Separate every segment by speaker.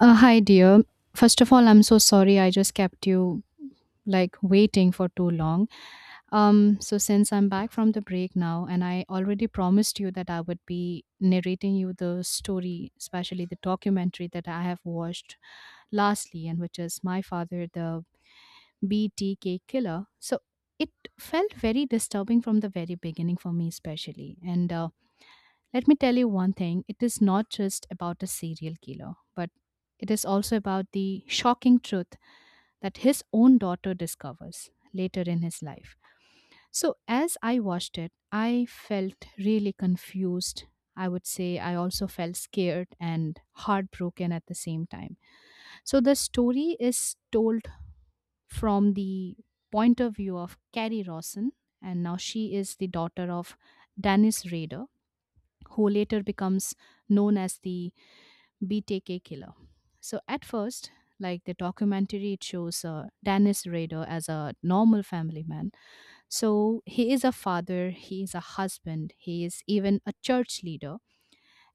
Speaker 1: Hi, dear. First of all, I'm so sorry I just kept you like waiting for too long. So since I'm back from the break now, and I already promised you that I would be narrating you the story, especially the documentary that I have watched lastly, and which is My Father, the BTK Killer. So it felt very disturbing from the very beginning for me, especially. And Let me tell you one thing, it is not just about a serial killer, but it is also about the shocking truth that his own daughter discovers later in his life. So, as I watched it, I felt really confused. I would say I also felt scared and heartbroken at the same time. So, the story is told from the point of view of Carrie Rawson, and now she is the daughter of Dennis Rader, who later becomes known as the BTK killer. So at first, like the documentary, it shows Dennis Rader as a normal family man. So he is a father, he is a husband, he is even a church leader,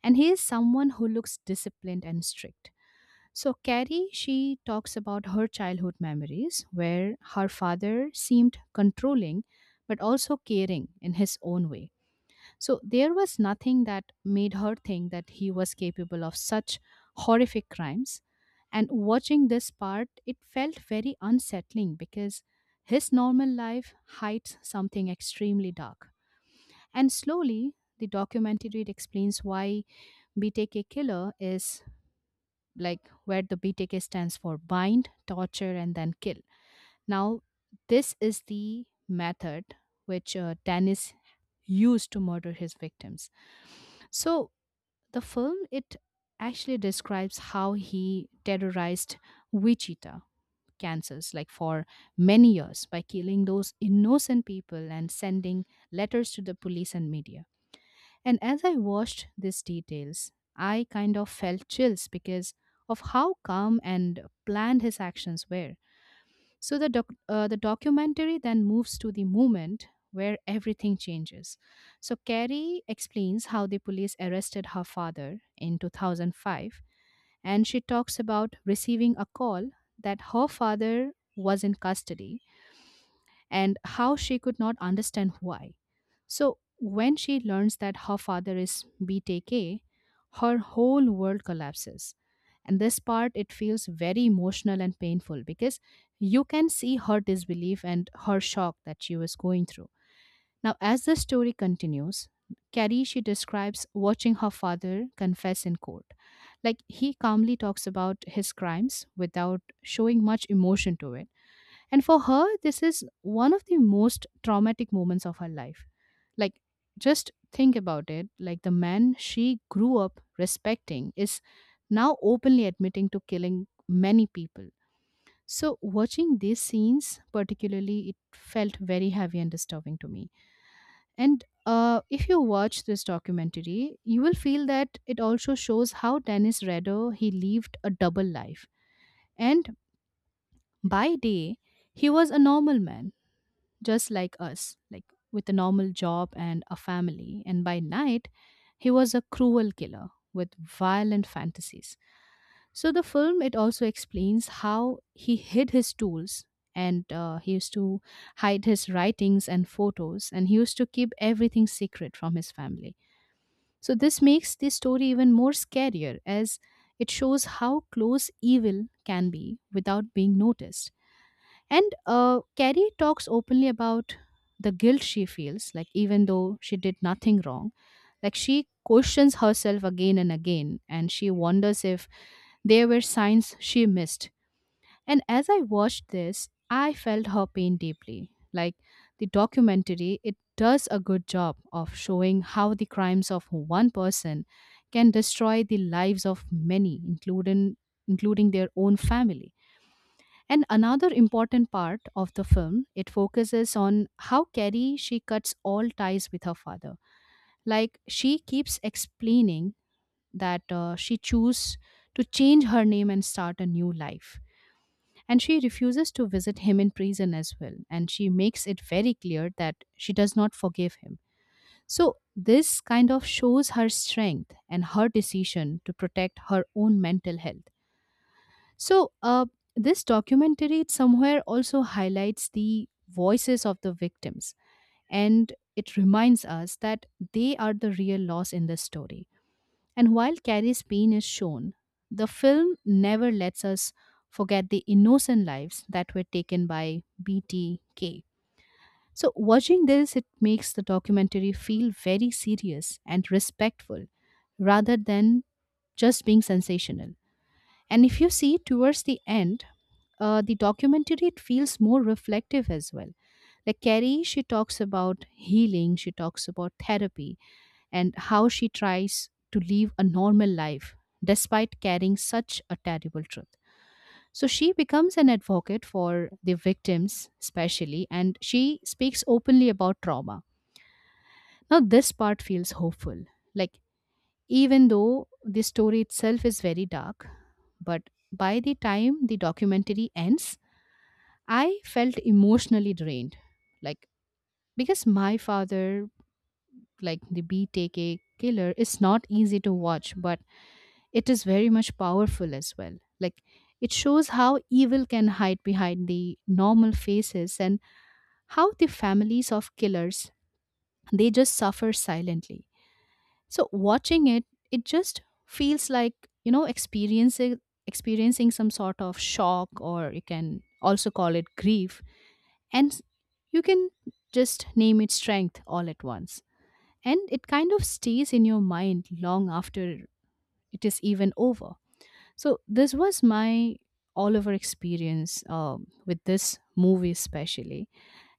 Speaker 1: and he is someone who looks disciplined and strict. So Carrie, she talks about her childhood memories where her father seemed controlling but also caring in his own way. So there was nothing that made her think that he was capable of such horrific crimes. And watching this part, it felt very unsettling because his normal life hides something extremely dark. And slowly, the documentary it explains why BTK killer is, like, where the BTK stands for bind, torture, and then kill. Now, this is the method which Dennis used to murder his victims. So the film it actually describes how he terrorized Wichita, Kansas, like for many years by killing those innocent people and sending letters to the police and media. And as I watched these details, I kind of felt chills because of how calm and planned his actions were. So the the documentary then moves to the moment where everything changes. So Carrie explains how the police arrested her father in 2005, and she talks about receiving a call that her father was in custody and how she could not understand why. So, when she learns that her father is BTK, her whole world collapses. And this part, it feels very emotional and painful because you can see her disbelief and her shock that she was going through. Now, as the story continues, Carrie, she describes watching her father confess in court. Like, he calmly talks about his crimes without showing much emotion to it. And for her, this is one of the most traumatic moments of her life. Like, just think about it, like, the man she grew up respecting is now openly admitting to killing many people. So, watching these scenes, particularly, it felt very heavy and disturbing to me. And If you watch this documentary, you will feel that it also shows how Dennis Rader he lived a double life, and by day he was a normal man, just like us, like with a normal job and a family. And by night, he was a cruel killer with violent fantasies. So the film it also explains how he hid his tools, and he used to hide his writings and photos, and he used to keep everything secret from his family. So this makes this story even more scarier, as it shows how close evil can be without being noticed. And Carrie talks openly about the guilt she feels, like even though she did nothing wrong, like she questions herself again and again, and she wonders if there were signs she missed. And as I watched this, I felt her pain deeply. Like the documentary, it does a good job of showing how the crimes of one person can destroy the lives of many, including their own family. And another important part of the film, it focuses on how Carrie she cuts all ties with her father. Like she keeps explaining that she chose to change her name and start a new life. And she refuses to visit him in prison as well. And she makes it very clear that she does not forgive him. So this kind of shows her strength and her decision to protect her own mental health. So, uh, this documentary it somewhere also highlights the voices of the victims, and it reminds us that they are the real loss in this story. And while Carrie's pain is shown, the film never lets us forget the innocent lives that were taken by BTK. So, watching this, it makes the documentary feel very serious and respectful rather than just being sensational. And if you see towards the end, the documentary it feels more reflective as well. Like Carrie, she talks about healing, she talks about therapy, and how she tries to live a normal life despite carrying such a terrible truth. So she becomes an advocate for the victims, especially, and she speaks openly about trauma. Now, this part feels hopeful. Like, even though the story itself is very dark, but by the time the documentary ends, I felt emotionally drained. Like, because My Father, like the BTK Killer, is not easy to watch, but it is very much powerful as well. Like, it shows how evil can hide behind the normal faces, and how the families of killers they just suffer silently. So watching it, it just feels like, you know, experiencing some sort of shock, or you can also call it grief, and s- you can just name it strength all at once. And it kind of stays in your mind long after it is even over. So this was my all over experience with this movie especially,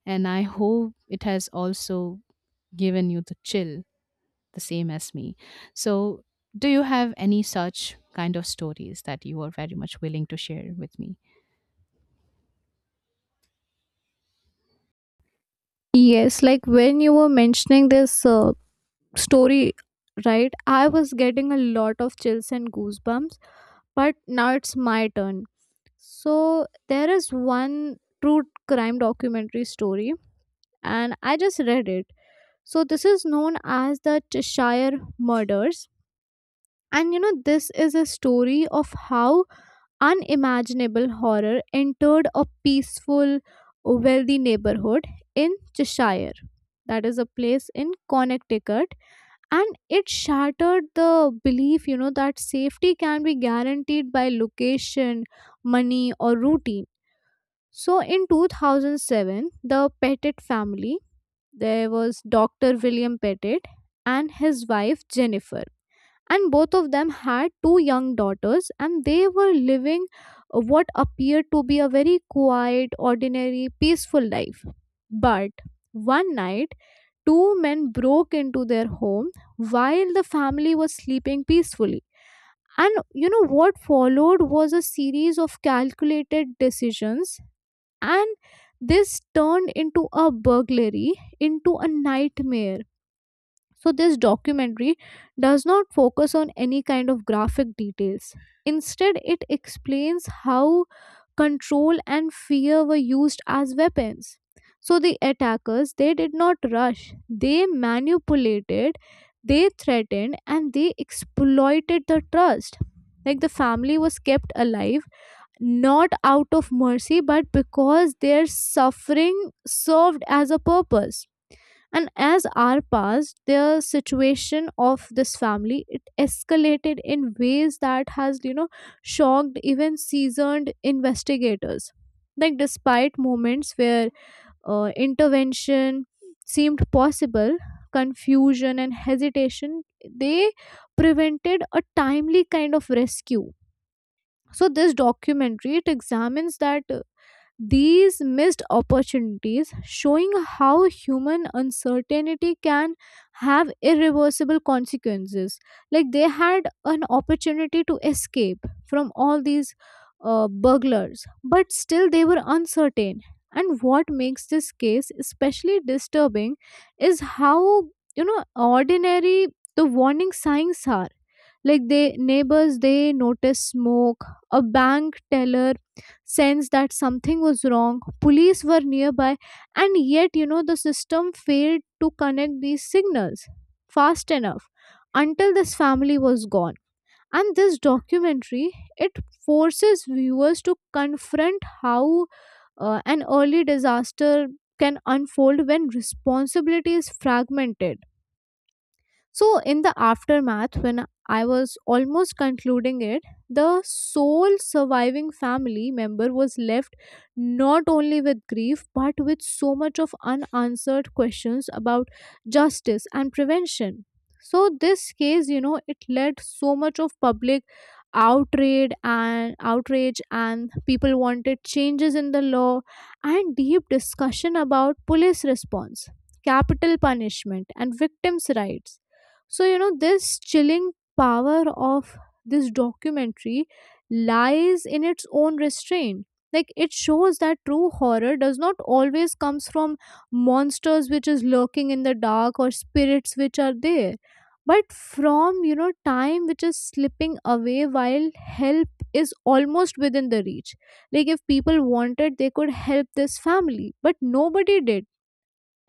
Speaker 1: and I hope it has also given you the chill the same as me. So, do you have any such kind of stories that you are very much willing to share with me?
Speaker 2: Yes, like when you were mentioning this story, right? I was getting a lot of chills and goosebumps, but now it's my turn. So there is one true crime documentary story, and I just read it. So this is known as the Cheshire Murders. And you know, this is a story of how unimaginable horror entered a peaceful, wealthy neighborhood in Cheshire. That is a place in Connecticut. And it shattered the belief, you know, that safety can be guaranteed by location, money, or routine. So in 2007, the Pettit family, there was Dr. William Pettit and his wife Jennifer, and both of them had two young daughters, and they were living what appeared to be a very quiet ordinary peaceful life. But one night two men broke into their home while the family was sleeping peacefully, and you know what followed was a series of calculated decisions, and this turned into a burglary into a nightmare. So this documentary does not focus on any kind of graphic details. Instead, it explains how control and fear were used as weapons. So the attackers, they did not rush, they manipulated, they threatened, and they exploited the trust. Like the family was kept alive not out of mercy but because their suffering served as a purpose. And as hour passed, the situation of this family, it escalated in ways that has, you know, shocked even seasoned investigators. Like despite moments where intervention seemed possible, confusion and hesitation, they prevented a timely kind of rescue. So this documentary, it examines that, these missed opportunities showing how human uncertainty can have irreversible consequences. Like they had an opportunity to escape from all these burglars, but still they were uncertain. And what makes this case especially disturbing is how, you know, ordinary the warning signs are. Like they neighbors, they notice smoke, a bank teller sense that something was wrong. Police were nearby, and yet, you know, the system failed to connect these signals fast enough until this family was gone. And this documentary, it forces viewers to confront how an early disaster can unfold when responsibility is fragmented. So in the aftermath, when I was almost concluding it, the sole surviving family member was left not only with grief but with so much of unanswered questions about justice and prevention. So this case, you know, it led so much of public outrage and outrage, and people wanted changes in the law and deep discussion about police response, capital punishment, and victims rights. So, you know, this chilling power of this documentary lies in its own restraint. Like, it shows that true horror does not always comes from monsters which is lurking in the dark or spirits which are there, but from, you know, time which is slipping away while help is almost within the reach. Like, if people wanted, they could help this family, but nobody did,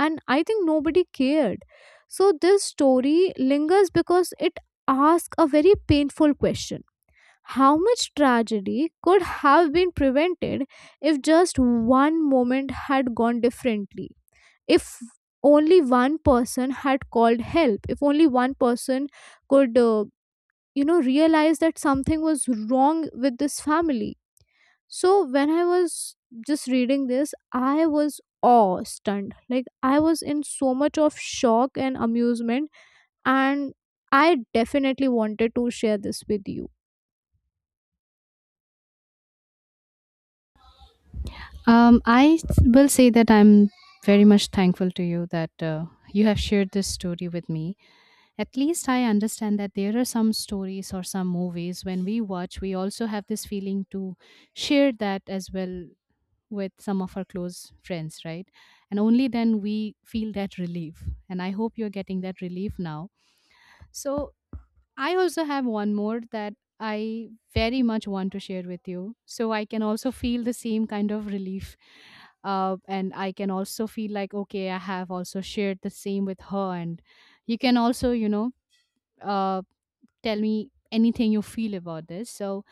Speaker 2: and I think nobody cared. So this story lingers because it asks a very painful question: how much tragedy could have been prevented if just one moment had gone differently, if only one person had called help, if only one person could you know realize that something was wrong with this family. So when I was just reading this, I was awe stunned. Like I was in so much of shock and amusement, and I definitely wanted to share this with you.
Speaker 1: Will say that I'm very much thankful to you that you have shared this story with me. At least I understand that there are some stories or some movies when we watch, we also have this feeling to share that as well with some of our close friends, right? And only then we feel that relief. And I hope you're getting that relief now. So, I also have one more that I very much want to share with you, so I can also feel the same kind of relief. And I can also feel like, okay, I have also shared the same with her. And you can also, you know, uh, tell me anything you feel about this. So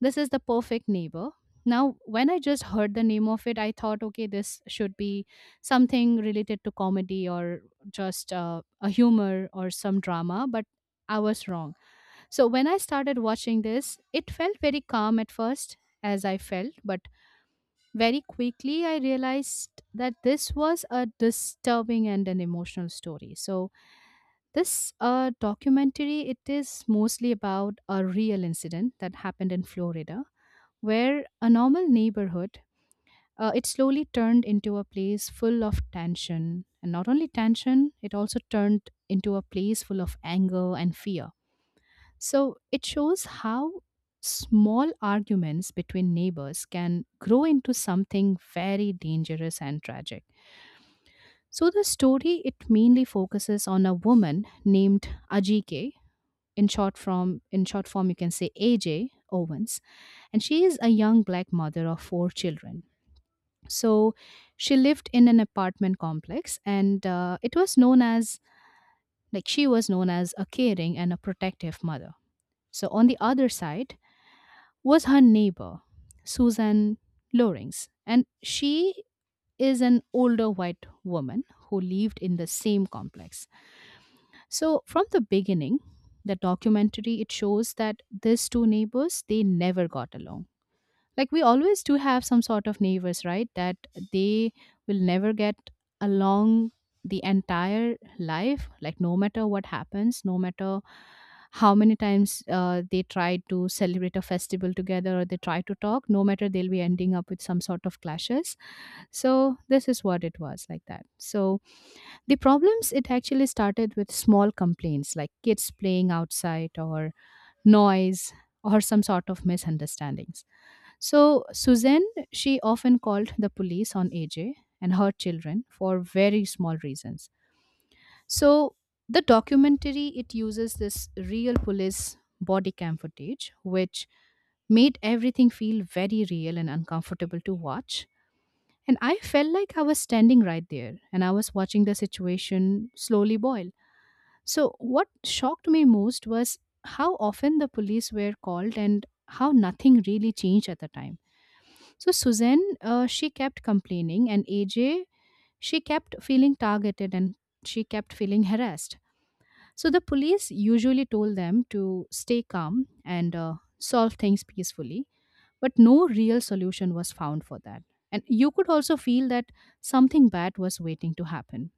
Speaker 1: this is The Perfect Neighbor. Now, when I just heard the name of it, I thought, okay, this should be something related to comedy, or just a humor or some drama. But I was wrong. So when I started watching this, it felt very calm at first, as I felt, but very quickly I realized that this was a disturbing and an emotional story. So this documentary it is mostly about a real incident that happened in Florida, where a normal neighborhood it slowly turned into a place full of tension, and not only tension, it also turned into a place full of anger and fear. So it shows how small arguments between neighbors can grow into something very dangerous and tragic. So the story it mainly focuses on a woman named Ajike, in short form you can say AJ Owens, and she is a young black mother of four children. So she lived in an apartment complex, and it was known as, like, she was known as a caring and a protective mother. So on the other side, was her neighbor, Susan Lorings, and she is an older white woman who lived in the same complex. So from the beginning, the documentary it shows that these two neighbors they never got along, like we always do have some sort of neighbors, right, that they will never get along the entire life, like no matter what happens, no matter how many times they try to celebrate a festival together or they try to talk, no matter they'll be ending up with some sort of clashes. So this is what it was like that. So the problems it actually started with small complaints, like kids playing outside or noise or some sort of misunderstandings. So, Suzanne, she often called the police on AJ and her children for very small reasons. So, the documentary it uses this real police body cam footage, which made everything feel very real and uncomfortable to watch. And I felt like I was standing right there and I was watching the situation slowly boil. So, what shocked me most was how often the police were called and how nothing really changed at the time. So Suzanne, she kept complaining, and AJ, she kept feeling targeted and she kept feeling harassed. So the police usually told them to stay calm and solve things peacefully, but no real solution was found for that. And you could also feel that something bad was waiting to happen.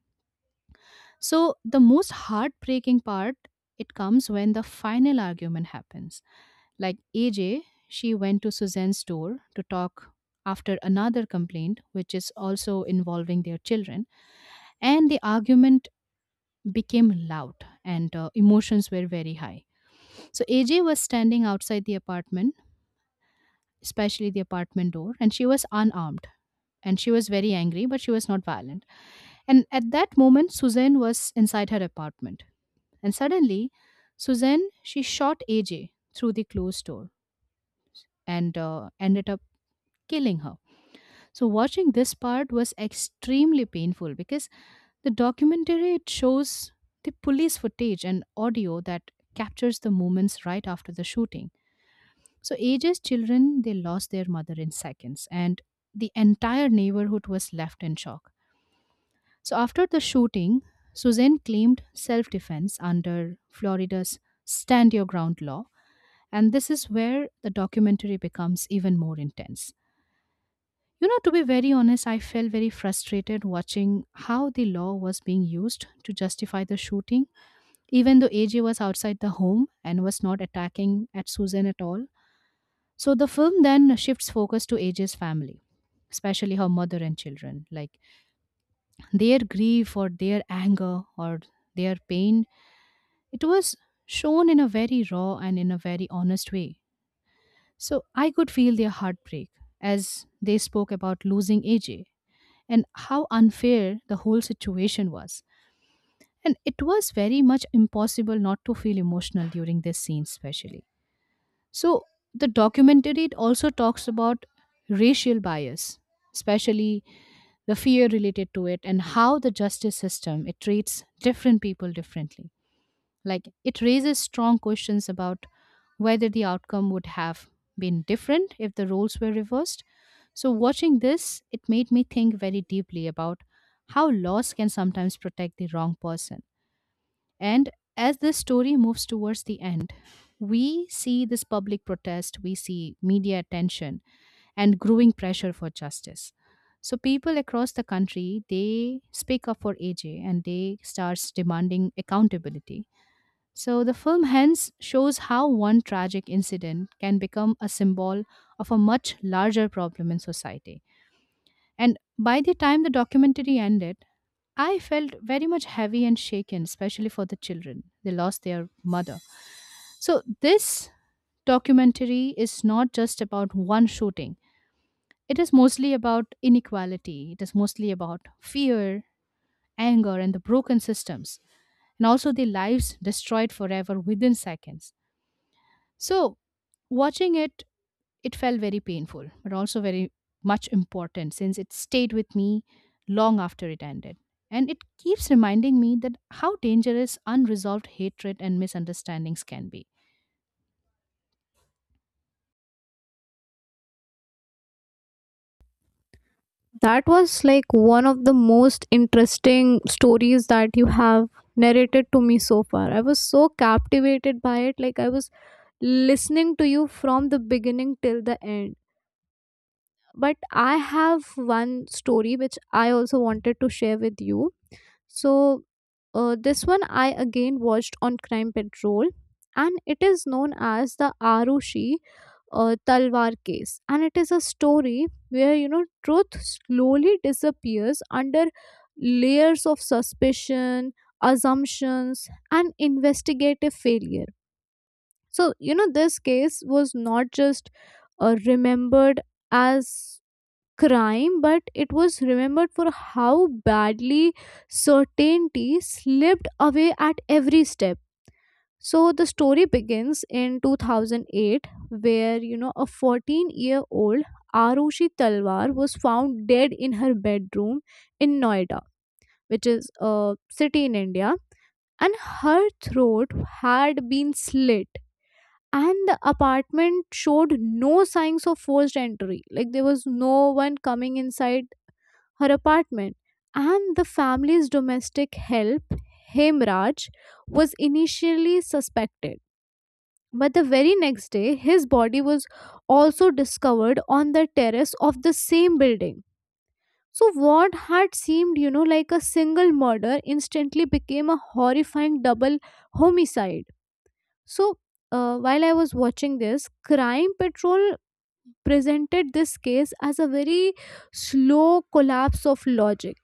Speaker 1: So the most heartbreaking part it comes when the final argument happens, like AJ, she went to Suzanne's door to talk after another complaint, which is also involving their children, and the argument became loud and emotions were very high. So AJ was standing outside the apartment, especially the apartment door, and she was unarmed. And she was very angry, but she was not violent. And at that moment, Suzanne was inside her apartment. And suddenly, Suzanne, she shot AJ through the closed door and ended up killing her. So watching this part was extremely painful because the documentary it shows the police footage and audio that captures the moments right after the shooting. So ages children they lost their mother in seconds and the entire neighborhood was left in shock. So after the shooting, Suzanne claimed self-defense under Florida's stand your ground law, and this is where the documentary becomes even more intense. You know, to be very honest, I felt very frustrated watching how the law was being used to justify the shooting, even though AJ was outside the home and was not attacking at Susan at all. So the film then shifts focus to AJ's family, especially her mother and children. Like their grief or their anger or their pain, it was shown in a very raw and in a very honest way. So I could feel their heartbreak as they spoke about losing AJ and how unfair the whole situation was. And it was very much impossible not to feel emotional during this scene, especially. So, the documentary it also talks about racial bias, especially the fear related to it, and how the justice system it treats different people differently. Like it raises strong questions about whether the outcome would have been different if the roles were reversed. So, watching this, it made me think very deeply about how loss can sometimes protect the wrong person. And as this story moves towards the end, we see this public protest, we see media attention, and growing pressure for justice. So people across the country they speak up for AJ and they starts demanding accountability, so the film hence shows how one tragic incident can become a symbol of a much larger problem in society. And by the time the documentary ended, I felt very much heavy and shaken, especially for the children. They lost their mother. So this documentary is not just about one shooting. It is mostly about inequality. It is mostly about fear, anger, and the broken systems, and also the lives destroyed forever within seconds. So, watching it, it felt very painful, but also very much important since it stayed with me long after it ended. And it keeps reminding me that how dangerous unresolved hatred and misunderstandings can be.
Speaker 2: That was like one of the most interesting stories that you have narrated to me so far. I was so captivated by it. Like I was listening to you from the beginning till the end. But I have one story which I also wanted to share with you. So this one I again watched on Crime Patrol, and it is known as the Arushi Talwar case, and it is a story where, you know, truth slowly disappears under layers of suspicion, assumptions, and investigative failure. So you know this case was not just remembered as crime, but it was remembered for how badly certainty slipped away at every step. So the story begins in 2008, where, you know, a 14-year-old Arushi Talwar was found dead in her bedroom in Noida, which is a city in India, and her throat had been slit, and the apartment showed no signs of forced entry. Like there was no one coming inside her apartment. And the family's domestic help, Hemraj, was initially suspected. But the very next day, his body was also discovered on the terrace of the same building. So what had seemed, you know, like a single murder instantly became a horrifying double homicide. So while I was watching this, Crime Patrol presented this case as a very slow collapse of logic.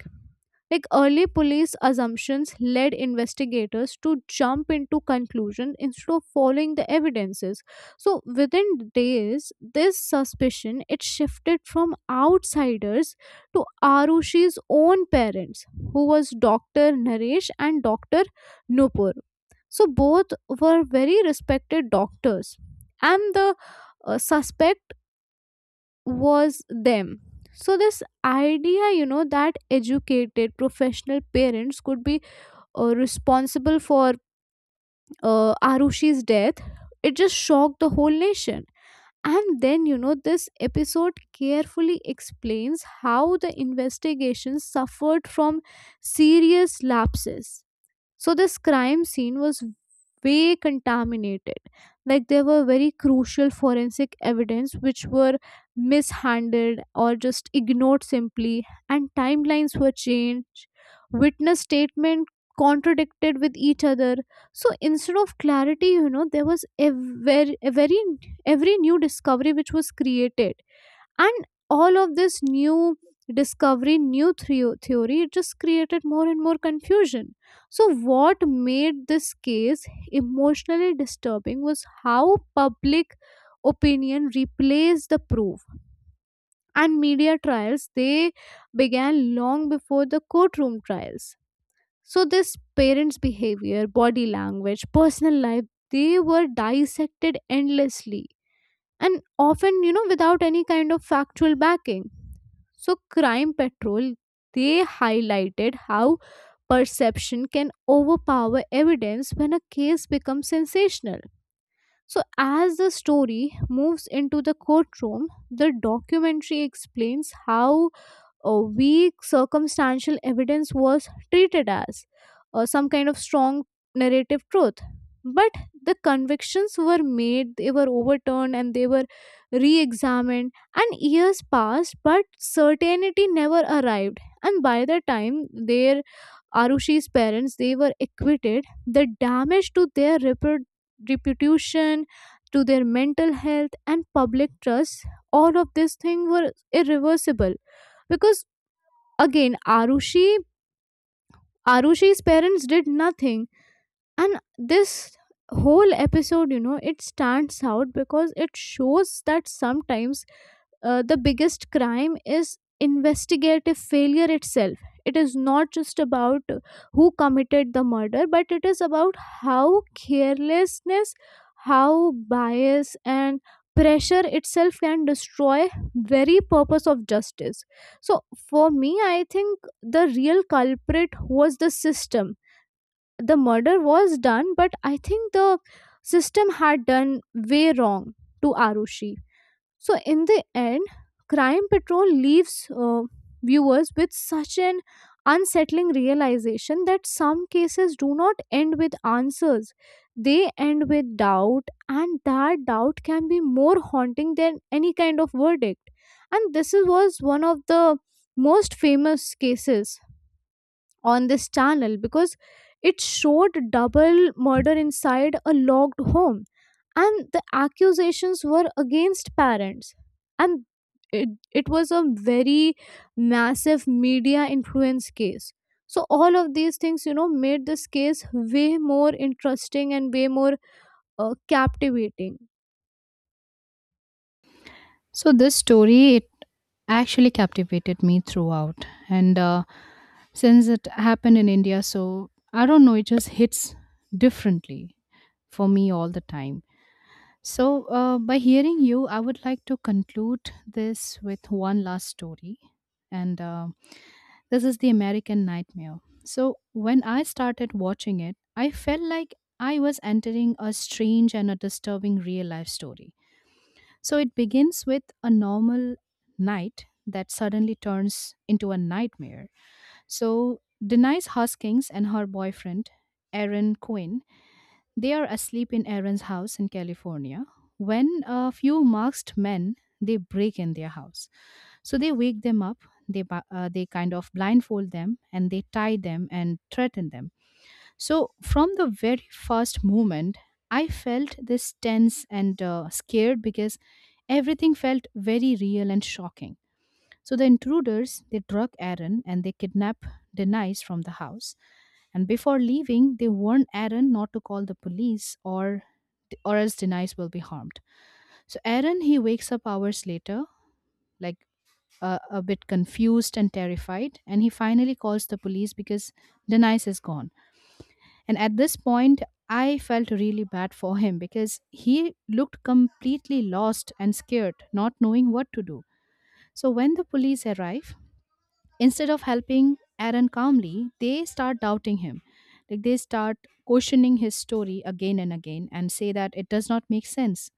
Speaker 2: Like early police assumptions led investigators to jump into conclusion instead of following the evidences. So within days, this suspicion, it shifted from outsiders to Arushi's own parents, who was Dr. Naresh and Dr. Nupur. So both were very respected doctors. And the suspect was them. So this idea, you know, that educated professional parents could be responsible for Arushi's death, it just shocked the whole nation. And then, you know, this episode carefully explains how the investigation suffered from serious lapses. So this crime scene was way contaminated. Like there were very crucial forensic evidence which were mishandled or just ignored simply, and timelines were changed. Witness statement contradicted with each other. So instead of clarity, you know, there was a very every new discovery which was created, and all of this new discovery new theory, it just created more and more confusion. So what made this case emotionally disturbing was how public opinion replaced the proof, and media trials, they began long before the courtroom trials. So this parents behavior, body language, personal life, they were dissected endlessly, and often, you know, without any kind of factual backing. So Crime Patrol, they highlighted how perception can overpower evidence when a case becomes sensational. So as the story moves into the courtroom, the documentary explains how a weak circumstantial evidence was treated as some kind of strong narrative truth. But the convictions were made, they were overturned, and they were re-examined, and years passed, but certainty never arrived. And by the time their Arushi's parents, they were acquitted, the damage to their reputation, to their mental health and public trust, all of this thing were irreversible, because again, Arushi's parents did nothing. And this whole episode, you know, it stands out because it shows that sometimes the biggest crime is investigative failure itself. It is not just about who committed the murder, but it is about how carelessness, how bias and pressure itself can destroy very purpose of justice. So for me, I think the real culprit was the system. The murder was done, but I think the system had done way wrong to Arushi. So in the end, Crime Patrol leaves uh, viewers with such an unsettling realization that some cases do not end with answers, they end with doubt, and that doubt can be more haunting than any kind of verdict. And this was one of the most famous cases on this channel because it showed double murder inside a locked home, and the accusations were against parents, and it was a very massive media influence case. So all of these things, you know, made this case way more interesting and way more captivating.
Speaker 1: So, this story, it actually captivated me throughout. And since it happened in India, so I don't know, it just hits differently for me all the time. So, by hearing you, I would like to conclude this with one last story. And this is The American Nightmare. So, when I started watching it, I felt like I was entering a strange and a disturbing real life story. So, it begins with a normal night that suddenly turns into a nightmare. So, Denise Hoskins and her boyfriend, Aaron Quinn, they are asleep in Aaron's house in California when a few masked men they break in their house. So they wake them up. They kind of blindfold them and they tie them and threaten them. So from the very first moment, I felt this tense and scared because everything felt very real and shocking. So the intruders they drug Aaron and they kidnap Denise from the house, and before leaving, they warn Aaron not to call the police or else Denise will be harmed. So Aaron he wakes up hours later, like a bit confused and terrified, and he finally calls the police because Denise is gone. And at this point, I felt really bad for him because he looked completely lost and scared, not knowing what to do. So when the police arrive, instead of helping Aaron calmly, they start doubting him. Like they start questioning his story again and again and say that it does not make sense.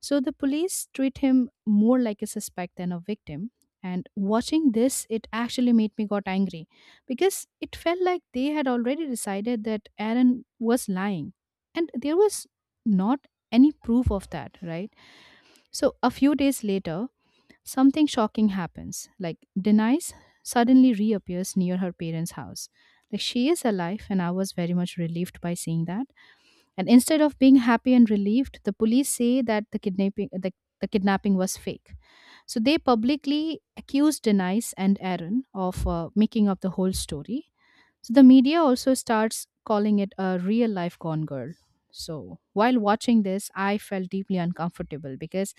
Speaker 1: So the police treat him more like a suspect than a victim. And watching this, it actually made me got angry because it felt like they had already decided that Aaron was lying. And there was not any proof of that, right? So a few days later, something shocking happens. Like Denise suddenly reappears near her parents' house. Like she is alive, and I was very much relieved by seeing that. And instead of being happy and relieved, the police say that the kidnapping was fake. So they publicly accused Denise and Aaron of making up the whole story. So the media also starts calling it a real life gone girl. So while watching this, I felt deeply uncomfortable because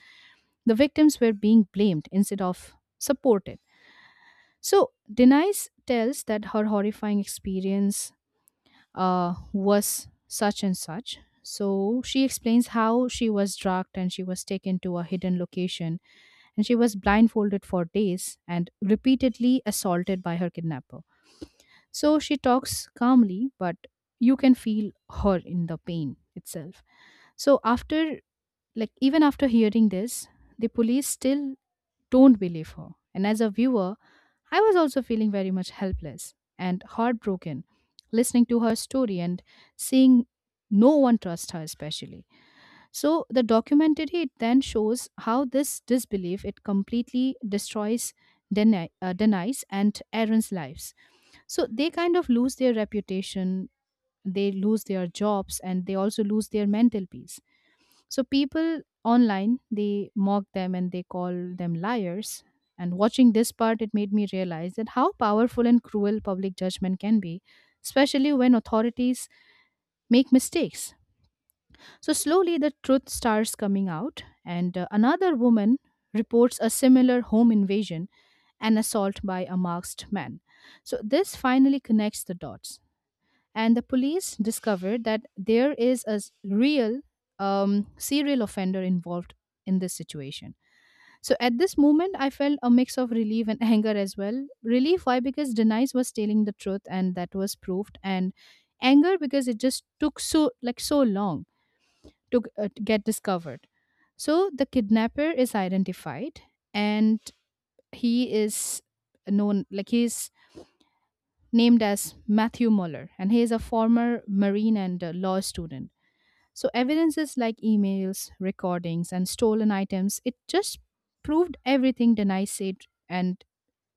Speaker 1: the victims were being blamed instead of supported. So Denise tells that her horrifying experience was such and such. So she explains how she was drugged and she was taken to a hidden location and she was blindfolded for days and repeatedly assaulted by her kidnapper. So she talks calmly, but you can feel her in the pain itself. So after, like even after hearing this, the police still don't believe her. And as a viewer, I was also feeling very much helpless and heartbroken listening to her story and seeing no one trust her especially. So the documentary it then shows how this disbelief it completely destroys denies and Aaron's lives. So they kind of lose their reputation, they lose their jobs, and they also lose their mental peace. So people online they mock them and they call them liars. And watching this part, it made me realize that how powerful and cruel public judgment can be, especially when authorities make mistakes. So slowly the truth starts coming out, and another woman reports a similar home invasion, an assault by a masked man. So this finally connects the dots and the police discovered that there is real serial offender involved in this situation. So at this moment, I felt a mix of relief and anger as well. Relief, why? Because Denise was telling the truth, and that was proved, and anger because it just took so, like so long to get discovered. So the kidnapper is identified, and he is known, like he's named as Matthew Muller, and he is a former Marine and law student. So, evidences like emails, recordings, and stolen items, it just proved everything Denai said, and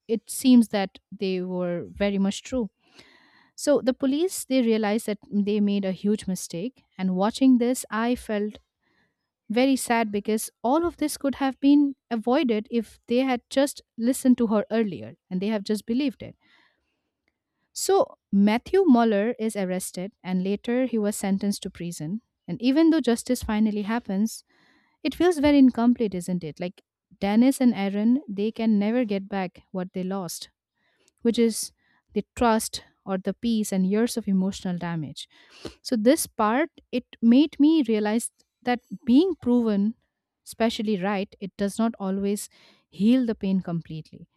Speaker 1: it seems that they were very much true. So, the police, they realized that they made a huge mistake, and watching this, I felt very sad because all of this could have been avoided if they had just listened to her earlier and they have just believed it. So Matthew Muller is arrested and later he was sentenced to prison. And even though justice finally happens, it feels very incomplete, isn't it? Like Dennis and Aaron, they can never get back what they lost, which is the trust or the peace and years of emotional damage. So this part it made me realize that being proven especially right, it does not always heal the pain completely.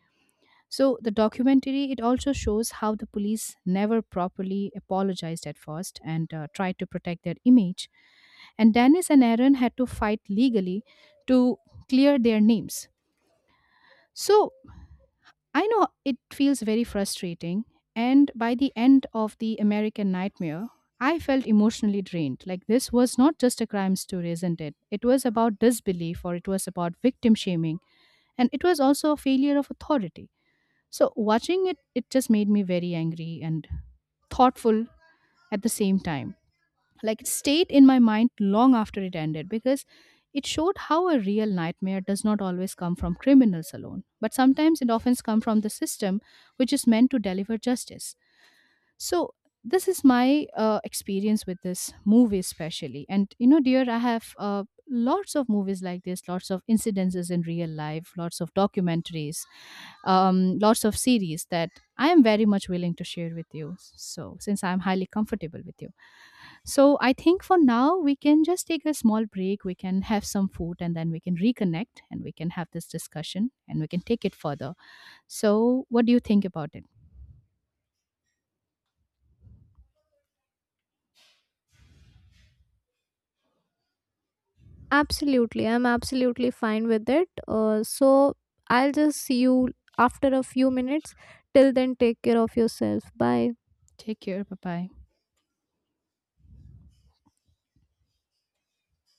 Speaker 1: So the documentary it also shows how the police never properly apologized at first and tried to protect their image. And Dennis and Aaron had to fight legally to clear their names. So I know it feels very frustrating. And by the end of the American Nightmare, I felt emotionally drained. Like this was not just a crime story, isn't it? It was about disbelief or it was about victim shaming. And it was also a failure of authority. So watching it, it just made me very angry and thoughtful at the same time. Like it stayed in my mind long after it ended because it showed how a real nightmare does not always come from criminals alone, but sometimes it often comes from the system which is meant to deliver justice. So this is my experience with this movie, especially. And you know, dear, I have lots of movies like this, lots of incidences in real life, lots of documentaries, lots of series that I am very much willing to share with you. So since I am highly comfortable with you, so I think for now we can just take a small break. We can have some food, and then we can reconnect, and we can have this discussion, and we can take it further. So what do you think about it?
Speaker 2: Absolutely, I'm absolutely fine with it. So I'll just see you after a few minutes. Till then, take care of yourself. Bye.
Speaker 1: Take care. Bye bye.